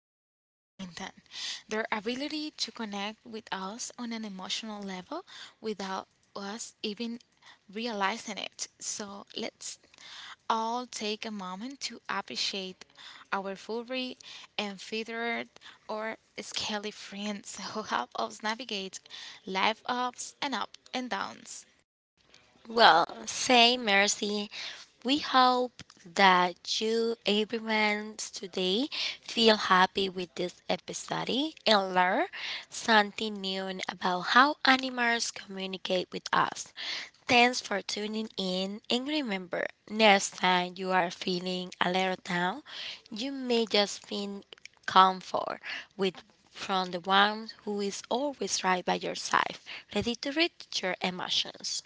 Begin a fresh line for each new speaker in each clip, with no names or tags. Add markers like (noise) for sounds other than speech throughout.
the animal kingdom, their ability to connect with us on an emotional level without us even realizing it. So let's all take a moment to appreciate our furry and feathered or scaly friends (laughs) who help us navigate life ups and up and downs.
Well, say, Mercy, we hope that you, everyone today, feel happy with this episode and learn something new about how animals communicate with us. Thanks for tuning in, and remember, next time you are feeling a little down, you may just find comfort with from the one who is always right by your side, ready to read your emotions.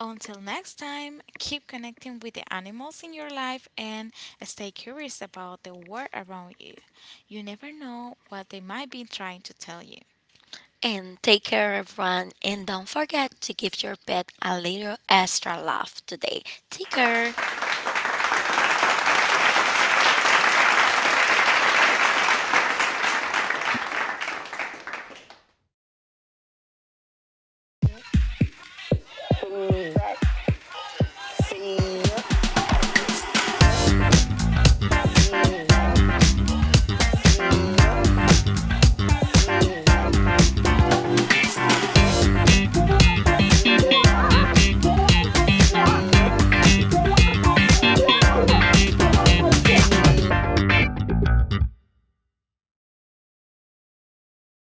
Until next time, keep connecting with the animals in your life, and stay curious about the world around you. You never know what they might be trying to tell you.
And take care, everyone. And don't forget to give your pet a little extra love today. Take care.